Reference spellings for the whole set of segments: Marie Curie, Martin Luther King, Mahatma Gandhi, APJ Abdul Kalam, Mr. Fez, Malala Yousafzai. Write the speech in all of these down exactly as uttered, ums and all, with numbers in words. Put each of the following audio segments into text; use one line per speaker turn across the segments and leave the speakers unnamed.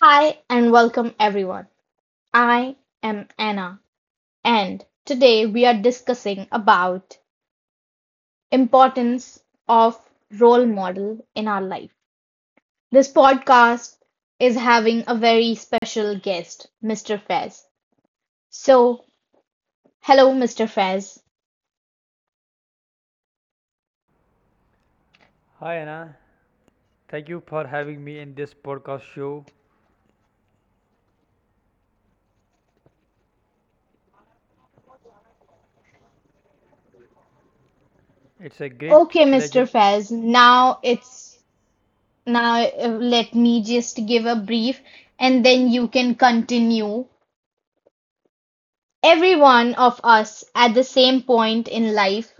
Hi and welcome everyone. I am Anna and today we are discussing about importance of role model in our life. This podcast is having a very special guest, mister Fez. So, hello mister Fez.
Hi Anna, thank you for having me in this podcast show. It's a great
Okay, mister
pleasure.
Fez. Now it's now uh, Let me just give a brief and then you can continue. Every one of us at the same point in life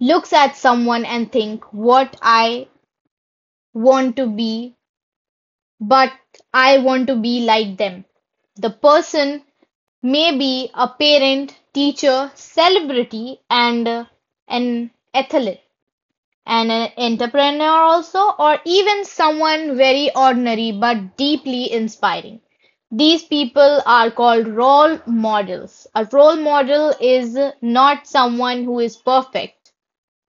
looks at someone and think what I want to be, but I want to be like them. The person may be a parent, teacher, celebrity, and uh, an athlete, and an entrepreneur also, or even someone very ordinary but deeply inspiring. These people are called role models. A role model is not someone who is perfect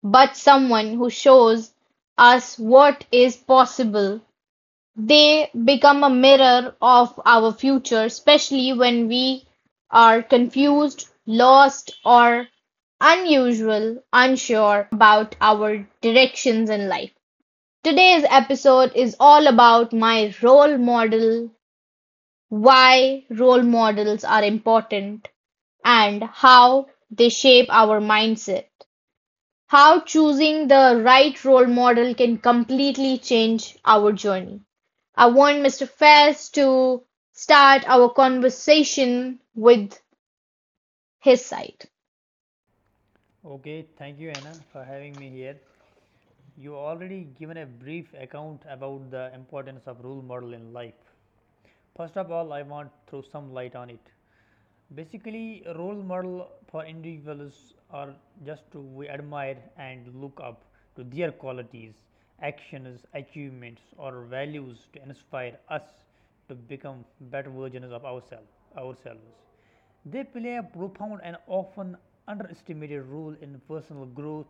but someone who shows us what is possible. They become a mirror of our future, especially when we are confused, lost, or unusual, unsure about our directions in life. Today's episode is all about my role model, why role models are important, and how they shape our mindset. How choosing the right role model can completely change our journey. I want mister Fairs to start our conversation with his side.
Okay, thank you Anna for having me here. You already given a brief account about the importance of role model in life. First of all, I want to throw some light on it. Basically, a role model for individuals are just to we admire and look up to their qualities, actions, achievements, or values to inspire us to become better versions of ourselves. Ourselves. They play a profound and often underestimated role in personal growth,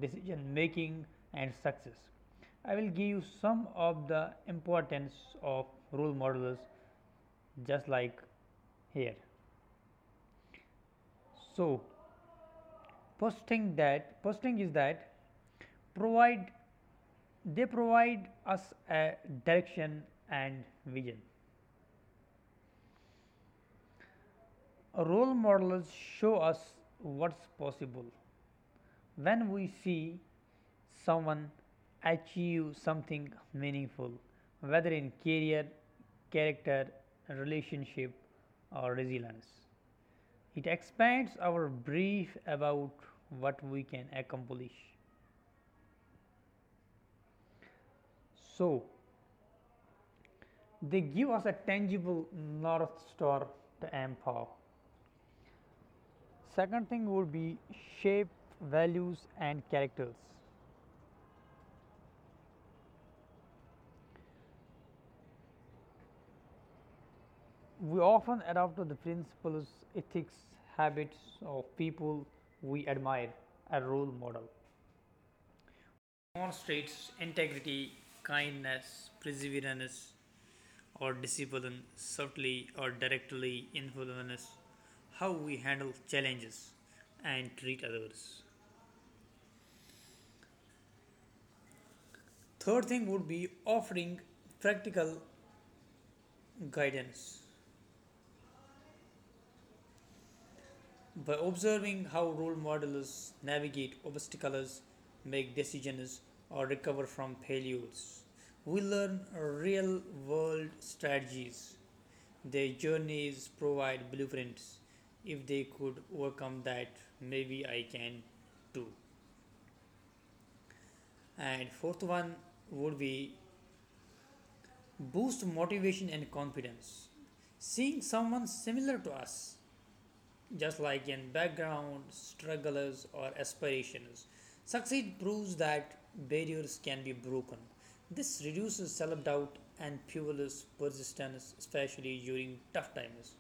decision making, and success. I will give you some of the importance of role models, just like here. So, first thing that first thing is that provide they provide us a direction and vision. Role models show us what's possible. When we see someone achieve something meaningful, whether in career, character, relationship, or resilience, it expands our brief about what we can accomplish. So, they give us a tangible north star to aim for. Second thing would be shape, values, and characters. We often adopt the principles, ethics, habits of people we admire. A role model demonstrates integrity, kindness, perseverance, or discipline subtly or directly influence how we handle challenges and treat others. Third thing would be offering practical guidance by observing how role models navigate obstacles, make decisions, or recover from failures. We learn real world strategies. Their journeys provide blueprints. If they could overcome that, maybe I can too. And fourth one would be boost motivation and confidence. Seeing someone similar to us, just like in background, strugglers, or aspirations, succeed proves that barriers can be broken. This reduces self doubt and fuels persistence, especially during tough times.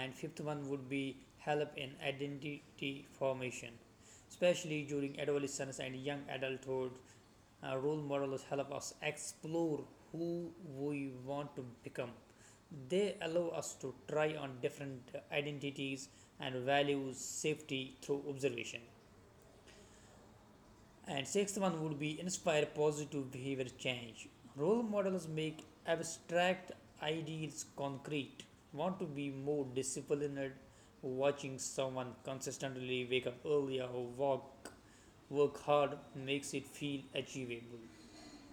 And fifth one would be help in identity formation, especially during adolescence and young adulthood. Uh, role models help us explore who we want to become. They allow us to try on different identities and values safety through observation. And sixth one would be inspire positive behavior change. Role models make abstract ideals concrete. Want to be more disciplined? Watching someone consistently wake up earlier or walk, work hard makes it feel achievable.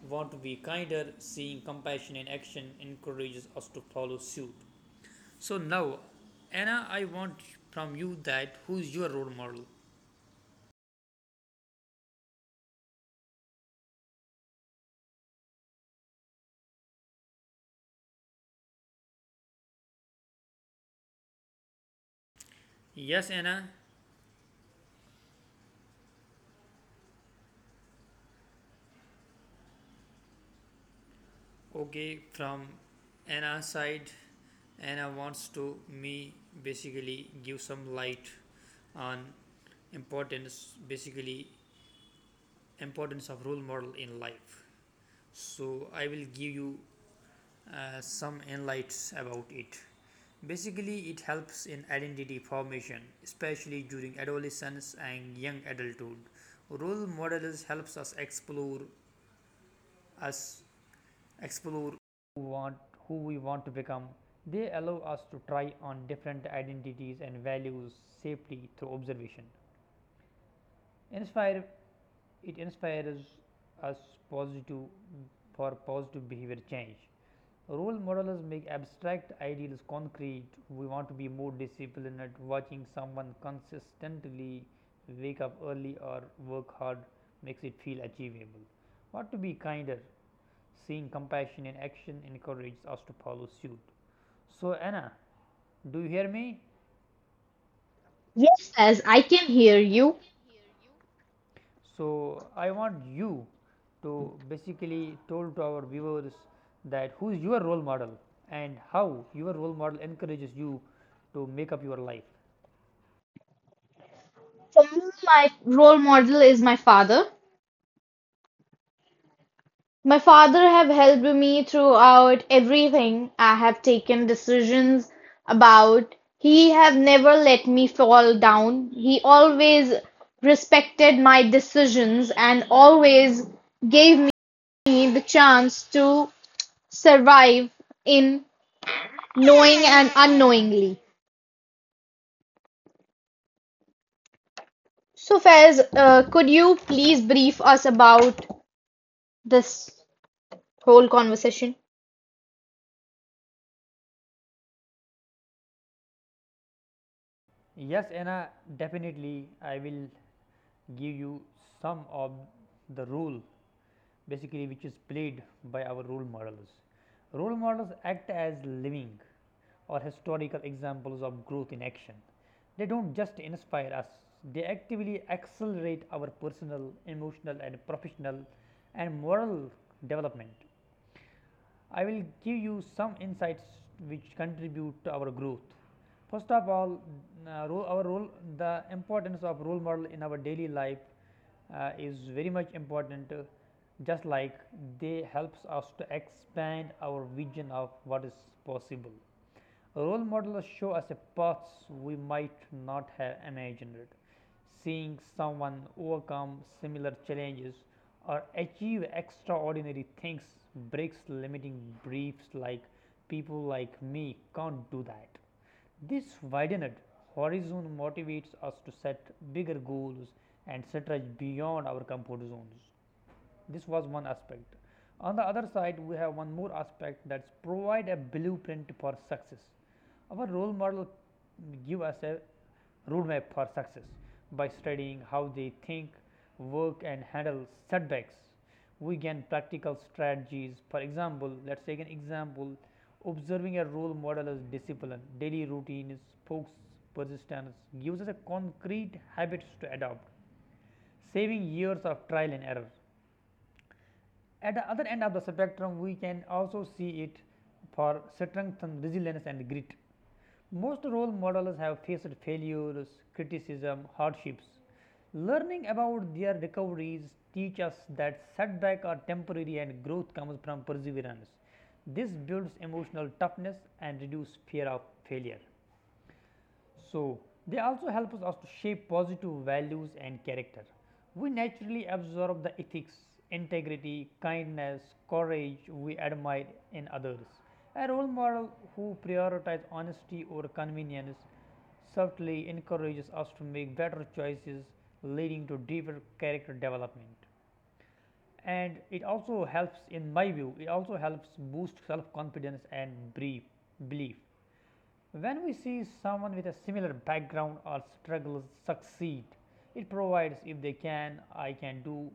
Want to be kinder? Seeing compassion in action encourages us to follow suit. So now, Anna, I want from you that who's your role model? Yes, Anna. Okay, from Anna's side, Anna wants to me basically give some light on importance, basically importance of role model in life. So I will give you uh, some insights about it. Basically, it helps in identity formation, especially during adolescence and young adulthood. Role models helps us explore us explore who want who we want to become. They allow us to try on different identities and values safely through observation. Inspire it inspires us positive for positive behavior change. Role models make abstract ideals concrete. We want to be more disciplined. Watching someone consistently wake up early or work hard makes it feel achievable. Want to be kinder. Seeing compassion in action encourages us to follow suit. So, Anna, do you hear me?
Yes, as I can hear you.
So, I want you to basically told to our viewers that who is your role model and how your role model encourages you to make up your life.
For me, my role model is my father. My father have helped me throughout everything I have taken decisions about. He have never let me fall down. He always respected my decisions and always gave me the chance to survive in knowing and unknowingly. So, Faiz, uh, could you please brief us about this whole conversation.
Yes, Anna, definitely I will give you some of the role, basically which is played by our role models. Role models act as living or historical examples of growth in action. They don't just inspire us, they actively accelerate our personal, emotional, and professional and moral development. I will give you some insights which contribute to our growth. First of all, uh, role, our role, the importance of role model in our daily life uh, is very much important, uh, just like they helps us to expand our vision of what is possible. Role models show us a paths we might not have imagined. Seeing someone overcome similar challenges or achieve extraordinary things breaks limiting beliefs like people like me can't do that. This widened horizon motivates us to set bigger goals and stretch beyond our comfort zones. This was one aspect. On the other side, we have one more aspect, that's provide a blueprint for success. Our role model give us a roadmap for success by studying how they think, work, and handle setbacks. We gain practical strategies. For example, let's take an example. Observing a role model as discipline, daily routines, focus, persistence gives us a concrete habits to adopt, saving years of trial and error. At the other end of the spectrum, we can also see it for strength and resilience and grit. Most role models have faced failures, criticism, hardships. Learning about their recoveries teach us that setbacks are temporary and growth comes from perseverance. This builds emotional toughness and reduces fear of failure. So, they also help us to shape positive values and character. We naturally absorb the ethics, integrity, kindness, courage we admire in others. A role model who prioritizes honesty over convenience subtly encourages us to make better choices, leading to deeper character development. And it also helps, in my view, it also helps boost self confidence and belief. When we see someone with a similar background or struggles succeed, it provides if they can, I can do,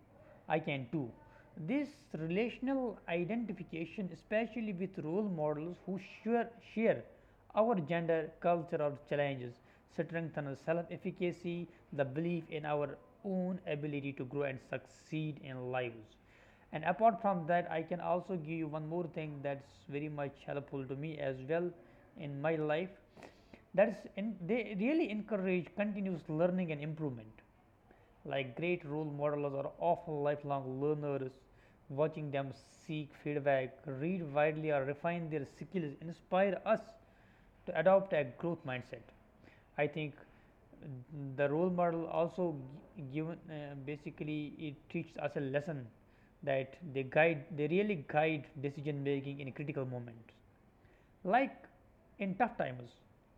I can too. This relational identification, especially with role models who share, share our gender, culture, or challenges, strengthens self efficacy, the belief in our own ability to grow and succeed in lives. And apart from that, I can also give you one more thing that's very much helpful to me as well in my life, that's in they really encourage continuous learning and improvement. Like, great role models are often lifelong learners. Watching them seek feedback, read widely, or refine their skills inspire us to adopt a growth mindset. I think the role model also given, uh, basically it teaches us a lesson that they guide, they really guide decision making in critical moments. Like in tough times,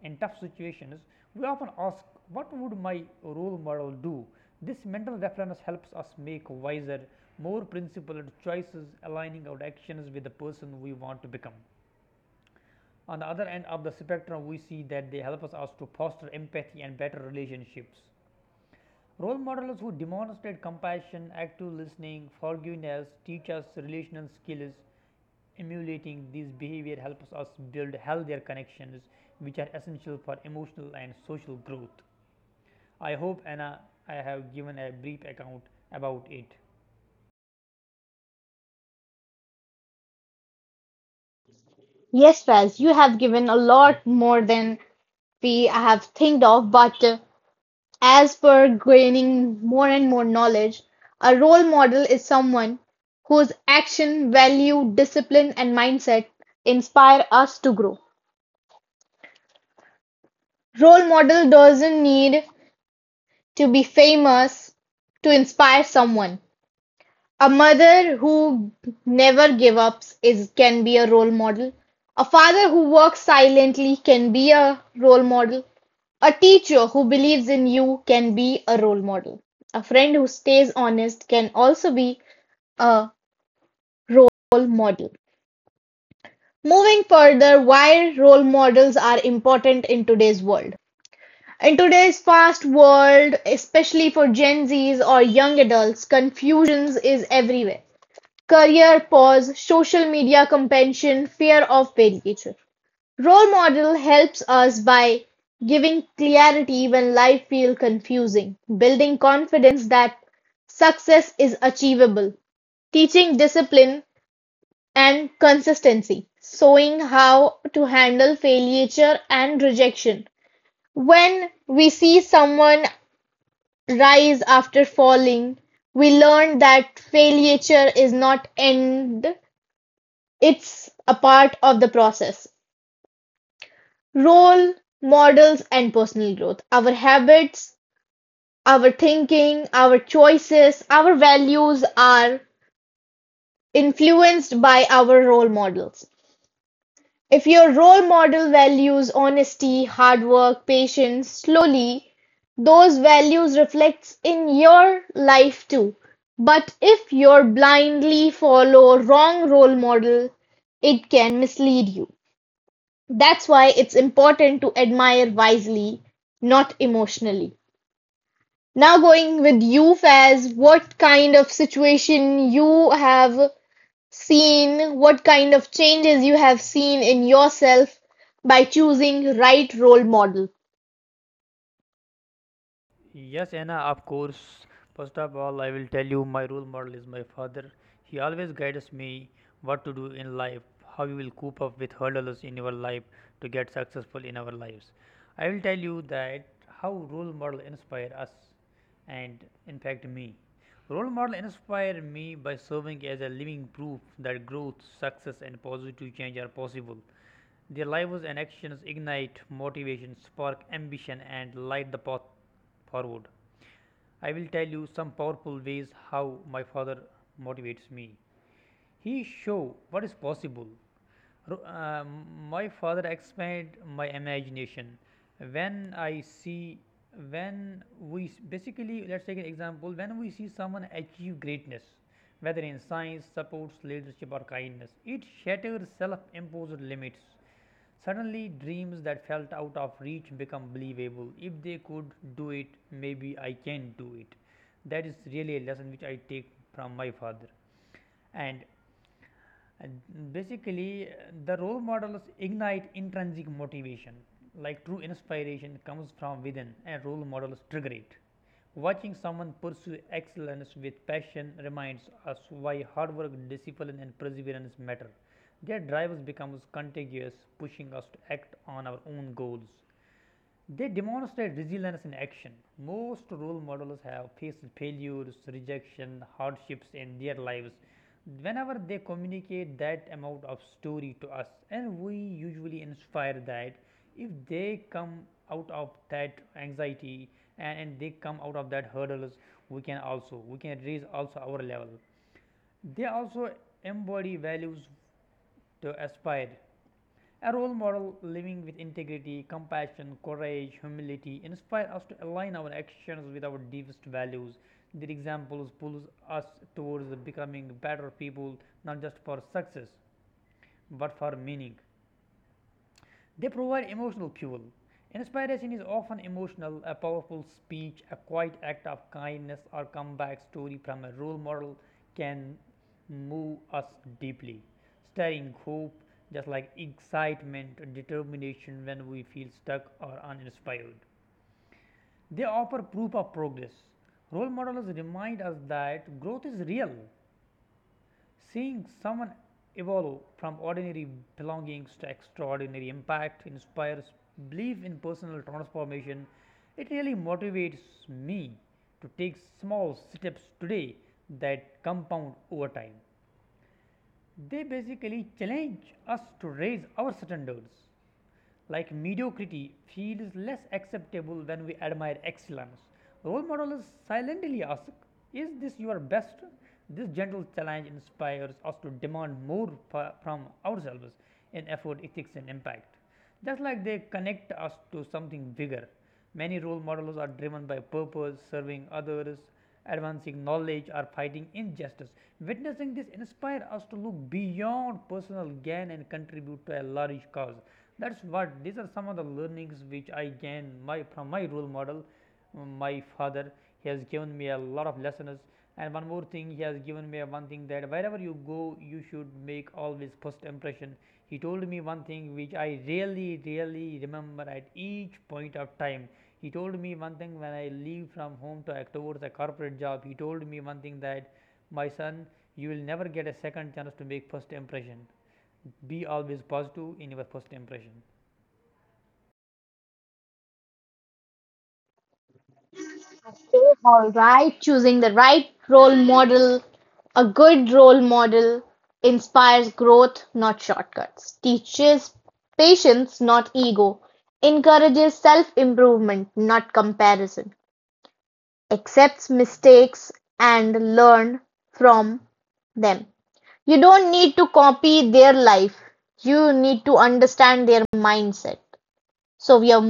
in tough situations, we often ask what would my role model do. This mental reference helps us make wiser, more principled choices, aligning our actions with the person we want to become. On the other end of the spectrum, we see that they help us, us to foster empathy and better relationships. Role models who demonstrate compassion, active listening, forgiveness, teach us relational skills. Emulating these behavior helps us build healthier connections, which are essential for emotional and social growth. I hope, Anna, I have given a brief account about it.
Yes, Faz, you have given a lot more than we have think of, but uh, as per gaining more and more knowledge, a role model is someone whose action, value, discipline, and mindset inspire us to grow. Role model doesn't need to be famous to inspire someone. A mother who never gives up is can be a role model. A father who works silently can be a role model. A teacher who believes in you can be a role model. A friend who stays honest can also be a role model. Moving further, why role models are important in today's world. In today's fast world, especially for Gen Zs or young adults, confusions is everywhere. Career pause, social media compensation, fear of failure. Role model helps us by giving clarity when life feels confusing, building confidence that success is achievable, teaching discipline and consistency, showing how to handle failure and rejection. When we see someone rise after falling, we learn that failure is not end. It's a part of the process. Role models and personal growth. Our habits, our thinking, our choices, our values are influenced by our role models. If your role model values honesty, hard work, patience, slowly, those values reflects in your life too. But if you blindly follow wrong role model, it can mislead you. That's why it's important to admire wisely, not emotionally. Now, going with you, Faz, what kind of situation you have seen, what kind of changes you have seen in yourself by choosing right role model?
Yes, Anna, of course. First of all, I will tell you my role model is my father. He always guides me what to do in life, how you will cope up with hurdles in your life to get successful in our lives. I will tell you that how role model inspire us and in fact me. Role model inspire me by serving as a living proof that growth, success, and positive change are possible. Their lives and actions ignite motivation, spark ambition, and light the path forward. I will tell you some powerful ways how my father motivates me. He show what is possible. uh, my father expand my imagination. When I see, when we basically let's take an example. When we see someone achieve greatness, whether in science, sports, leadership, or kindness, it shatters self-imposed limits. Suddenly dreams that felt out of reach become believable. If they could do it, maybe I can do it. That is really a lesson which I take from my father. And uh, Basically, uh, the role models ignite intrinsic motivation. Like, true inspiration comes from within, and role models trigger it. Watching someone pursue excellence with passion reminds us why hard work, discipline, and perseverance matter. Their drives becomes contagious, pushing us to act on our own goals. They demonstrate resilience in action. Most role models have faced failures, rejection, hardships in their lives. Whenever they communicate that amount of story to us, and we usually inspire that if they come out of that anxiety and, and they come out of that hurdles, we can also we can raise also our level. They also embody values to aspire. A role model living with integrity, compassion, courage, humility inspire us to align our actions with our deepest values. Their examples pulls us towards becoming better people, not just for success, but for meaning. They provide emotional fuel. Inspiration is often emotional, a powerful speech, a quiet act of kindness, or comeback story from a role model can move us deeply, stirring hope just like excitement and determination when we feel stuck or uninspired. They offer proof of progress. Role models remind us that growth is real. Seeing someone evolve from ordinary belongings to extraordinary impact inspires belief in personal transformation. It really motivates me to take small steps today that compound over time. They basically challenge us to raise our standards. Like, mediocrity feels less acceptable when we admire excellence. Role models silently ask, is this your best? This gentle challenge inspires us to demand more from ourselves in effort, ethics, and impact. Just like they connect us to something bigger. Many role models are driven by purpose, serving others, advancing knowledge, or fighting injustice. Witnessing this inspires us to look beyond personal gain and contribute to a large cause. That's what these are, some of the learnings which I gain my, from my role model. My father, he has given me a lot of lessons. And one more thing he has given me, one thing, that wherever you go you should make always first impression. He told me one thing which I really really remember at each point of time. He told me one thing when I leave from home to act towards a corporate job. He told me one thing that, my son, you will never get a second chance to make first impression. Be always positive in your first impression.
All right, choosing the right role model, a good role model inspires growth, not shortcuts, teaches patience, not ego, encourages self improvement, not comparison, accepts mistakes and learn from them. You don't need to copy their life, you need to understand their mindset. So we are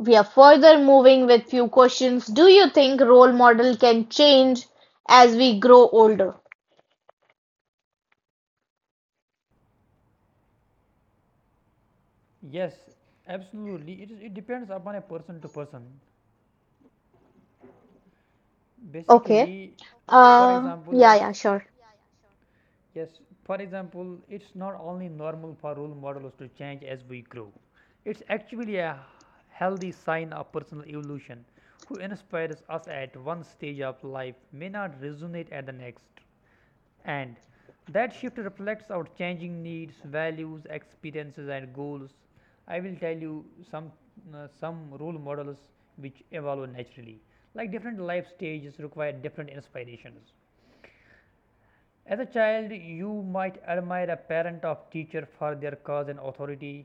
we are further moving with few questions. Do you think role model can change as we grow older?
Yes, absolutely. It, is, it depends upon a person to person.
Okay.
Basically, for
Uh,
example,
yeah,
let's
yeah, sure.
yeah, sure. yes, for example, it's not only normal for role models to change as we grow, it's actually a healthy sign of personal evolution. Who inspires us at one stage of life may not resonate at the next, and that shift reflects our changing needs, values, experiences, and goals. I will tell you some uh, some role models which evolve naturally. Like different life stages require different inspirations. As a child, you might admire a parent or teacher for their cause and authority.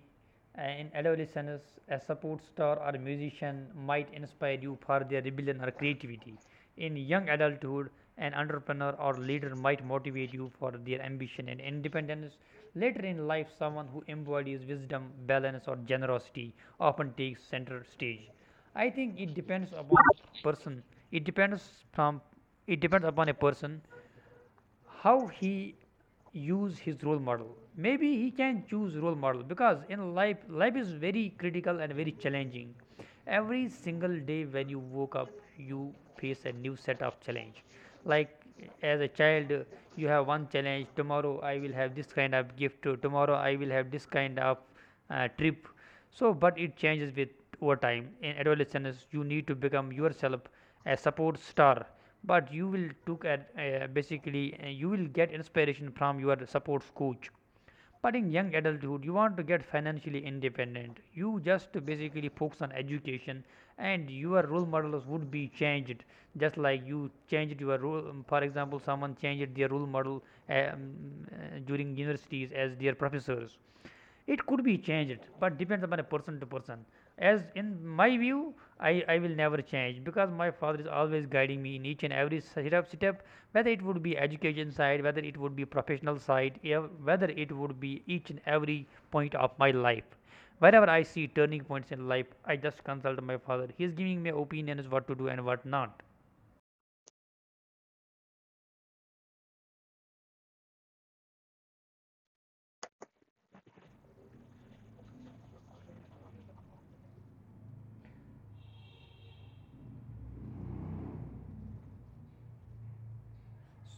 And in adolescence, a support star or musician might inspire you for their rebellion or creativity. In young adulthood, an entrepreneur or leader might motivate you for their ambition and independence. Later in life, someone who embodies wisdom, balance, or generosity often takes center stage. I think it depends upon person. It depends from it depends upon a person how he use his role model. Maybe he can choose role model, because in life, life is very critical and very challenging. Every single day when you woke up, you face a new set of challenge. Like as a child, uh, you have one challenge. Tomorrow I will have this kind of gift. Tomorrow I will have this kind of uh, trip. So but it changes with over time. In adolescence you need to become yourself a support star, but you will took at uh, basically uh, you will get inspiration from your support coach. But in young adulthood, you want to get financially independent. You just basically focus on education, and your role models would be changed. Just like you changed your role, um, for example, someone changed their role model um, uh, during universities as their professors. It could be changed, but depends upon a person to person. As in my view, I, I will never change, because my father is always guiding me in each and every step step, whether it would be education side, whether it would be professional side, yeah, whether it would be each and every point of my life. Whenever I see turning points in life, I just consult my father. He is giving me opinions what to do and what not.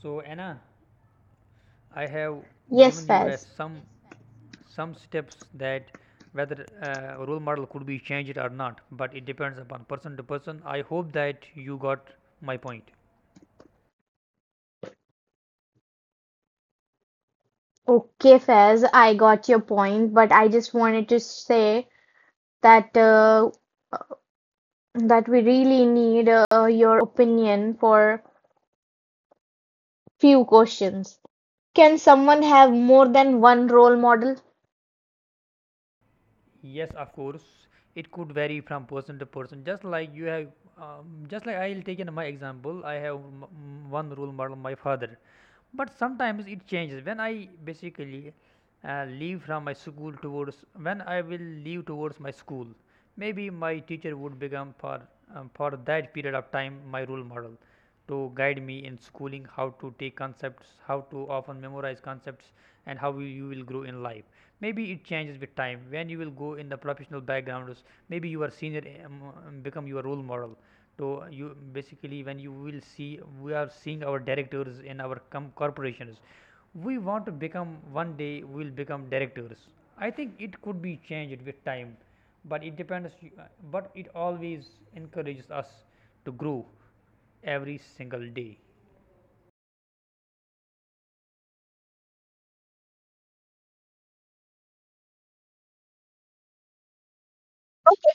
So Anna, I have
Yes,
given you as
Fez.
some some steps that whether uh, role model could be changed or not, but it depends upon person to person. I hope that you got my point.
Okay, Fez, I got your point, but I just wanted to say that uh, that we really need uh, your opinion for few questions. Can someone have more than one role model?
Yes, of course, it could vary from person to person. Just like you have, um, just like I'll take in my example. I have m- m- one role model, my father, but sometimes it changes. When I basically uh, leave from my school towards, when I will leave towards my school, maybe my teacher would become, for um, for that period of time, my role model, to guide me in schooling, how to take concepts, how to often memorize concepts, and how you you will grow in life. Maybe it changes with time. When you will go in the professional backgrounds, maybe your senior um, um, become your role model. So you basically when you will see, we are seeing our directors in our com- corporations, we want to become, one day we will become directors. I think it could be changed with time, but it depends, uh, but it always encourages us to grow every single day.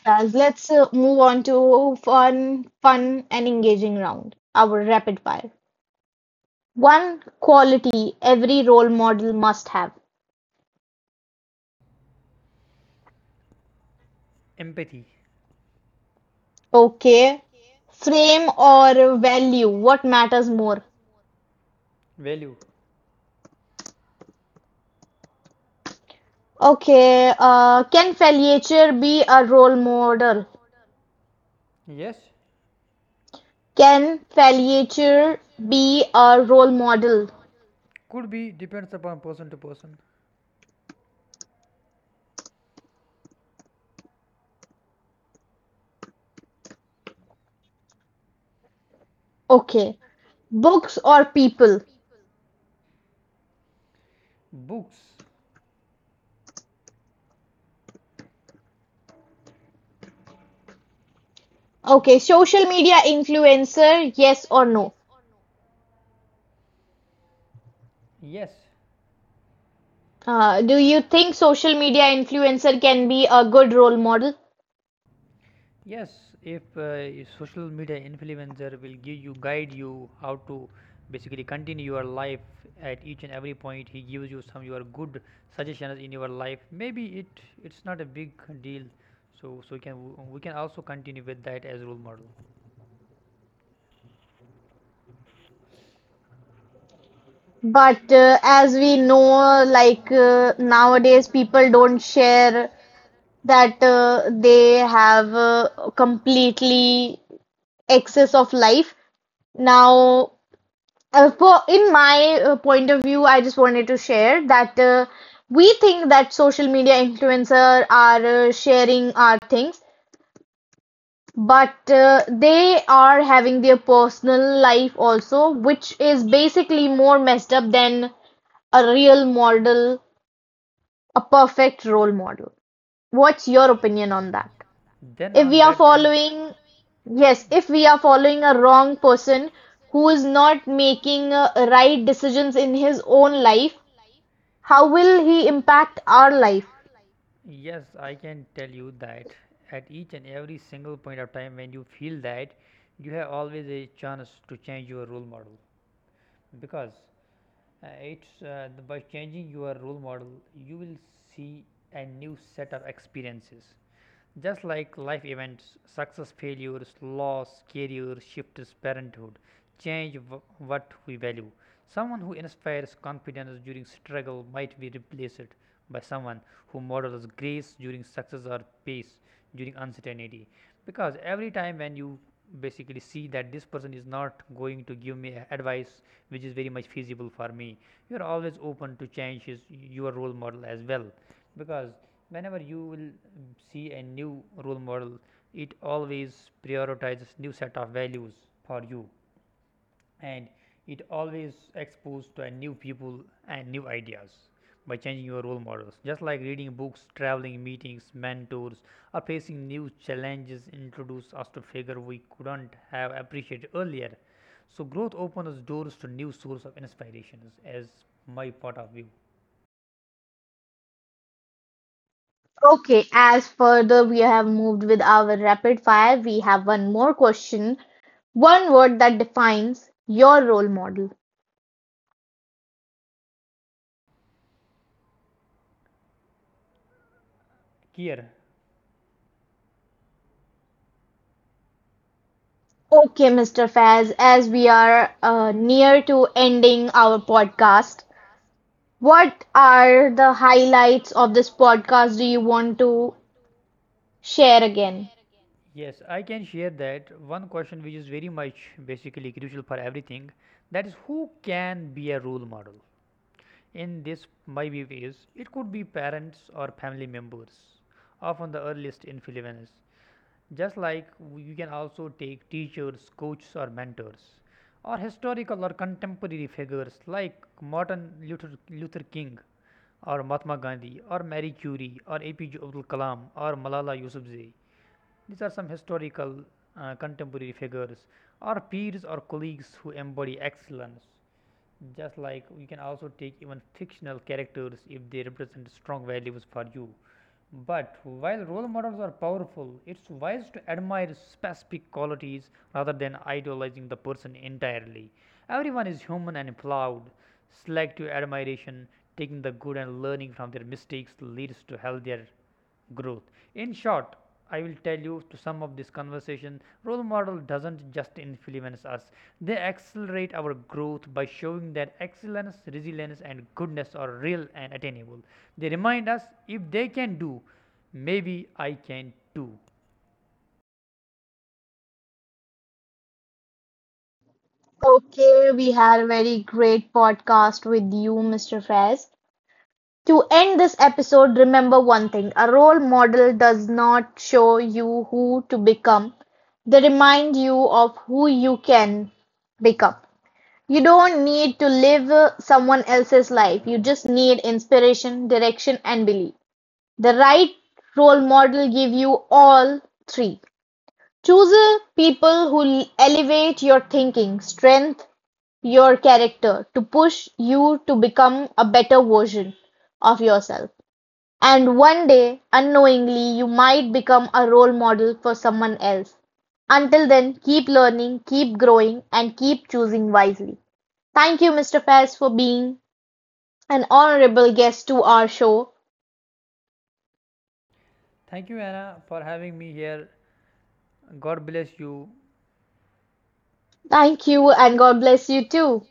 Fez, let's uh, move on to fun, fun and engaging round, our rapid fire. One quality every role model must have.
Empathy,
Okay. Frame or value, what matters more?
value,
Okay, uh, can failure be a role model?
yes.
Can failure be a role model?
Could be depends upon person to person.
Okay, books or people?
Books,
Okay, social media influencer, yes or no?
yes.
Uh, do you think social media influencer can be a good role model?
Yes, if uh, social media influencer will give you, guide you how to basically continue your life, at each and every point he gives you some your good suggestions in your life, maybe it it's not a big deal. So so we can, we can also continue with that as role model.
But uh, as we know, like uh, nowadays, people don't share that uh, they have uh, completely excess of life. Now, uh, for in my uh, point of view, I just wanted to share that uh, we think that social media influencer are uh, sharing our things, but uh, they are having their personal life also, which is basically more messed up than a real model, a perfect role model. What's your opinion on that?
Then
If
on
we are
that um,
following, yes, if we are following a wrong person who is not making uh, right decisions in his own life. How will he impact our life?
yes, I can tell you that at each and every single point of time, when you feel that, you have always a chance to change your role model, because uh, it's uh, the- by changing your role model, you will see a new set of experiences, just like life events, success, failures, loss, career shifts, parenthood, change w- what we value. Someone who inspires confidence during struggle might be replaced by someone who models grace during success or pace during uncertainty. Because every time when you basically see that this person is not going to give me a- advice which is very much feasible for me, you are always open to change his, your role model as well. Because whenever you will see a new role model, it always prioritizes new set of values for you, and it always exposed to uh, new people and new ideas, by changing your role models, just like reading books, traveling, meetings, mentors, or facing new challenges introduce us to figure we couldn't have appreciated earlier. So growth opens doors to new source of inspirations as my point of view
Okay, as further we have moved with our rapid fire, we have one more question. One word that defines your role model.
here.
Okay, mister Faz, as we are uh, near to ending our podcast, what are the highlights of this podcast do you want to share again?
Yes, I can share that one question which is very much basically crucial for everything, that is, who can be a role model? In this, my view is, it could be parents or family members, often the earliest influence. Just like you can also take teachers, coaches, or mentors, or historical or contemporary figures like Martin Luther, Luther King, or Mahatma Gandhi, or Marie Curie, or A P J Abdul Kalam, or Malala Yousafzai. These are some historical uh, contemporary figures, or peers or colleagues who embody excellence. Just like you can also take even fictional characters if they represent strong values for you. But while role models are powerful, it's wise to admire specific qualities rather than idolizing the person entirely. Everyone is human and flawed. Selective admiration, taking the good and learning from their mistakes, leads to healthier growth. In short, I will tell you, to sum up this conversation, role model doesn't just influence us. They accelerate our growth by showing that excellence, resilience and goodness are real and attainable. They remind us, if they can do, maybe I can too.
Okay, we had a very great podcast with you, mister Faz. To end this episode, remember one thing: a role model does not show you who to become. They remind you of who you can become. You don't need to live uh, someone else's life. You just need inspiration, direction, and belief. The right role model give you all three. Choose uh, people who elevate your thinking, strength your character, to push you to become a better version of yourself. And one day, unknowingly, you might become a role model for someone else. Until then, keep learning, keep growing, and keep choosing wisely. Thank you, mister Faz, for being an honorable guest to our show.
Thank you, Anna, for having me here. God bless you.
Thank you, and God bless you too.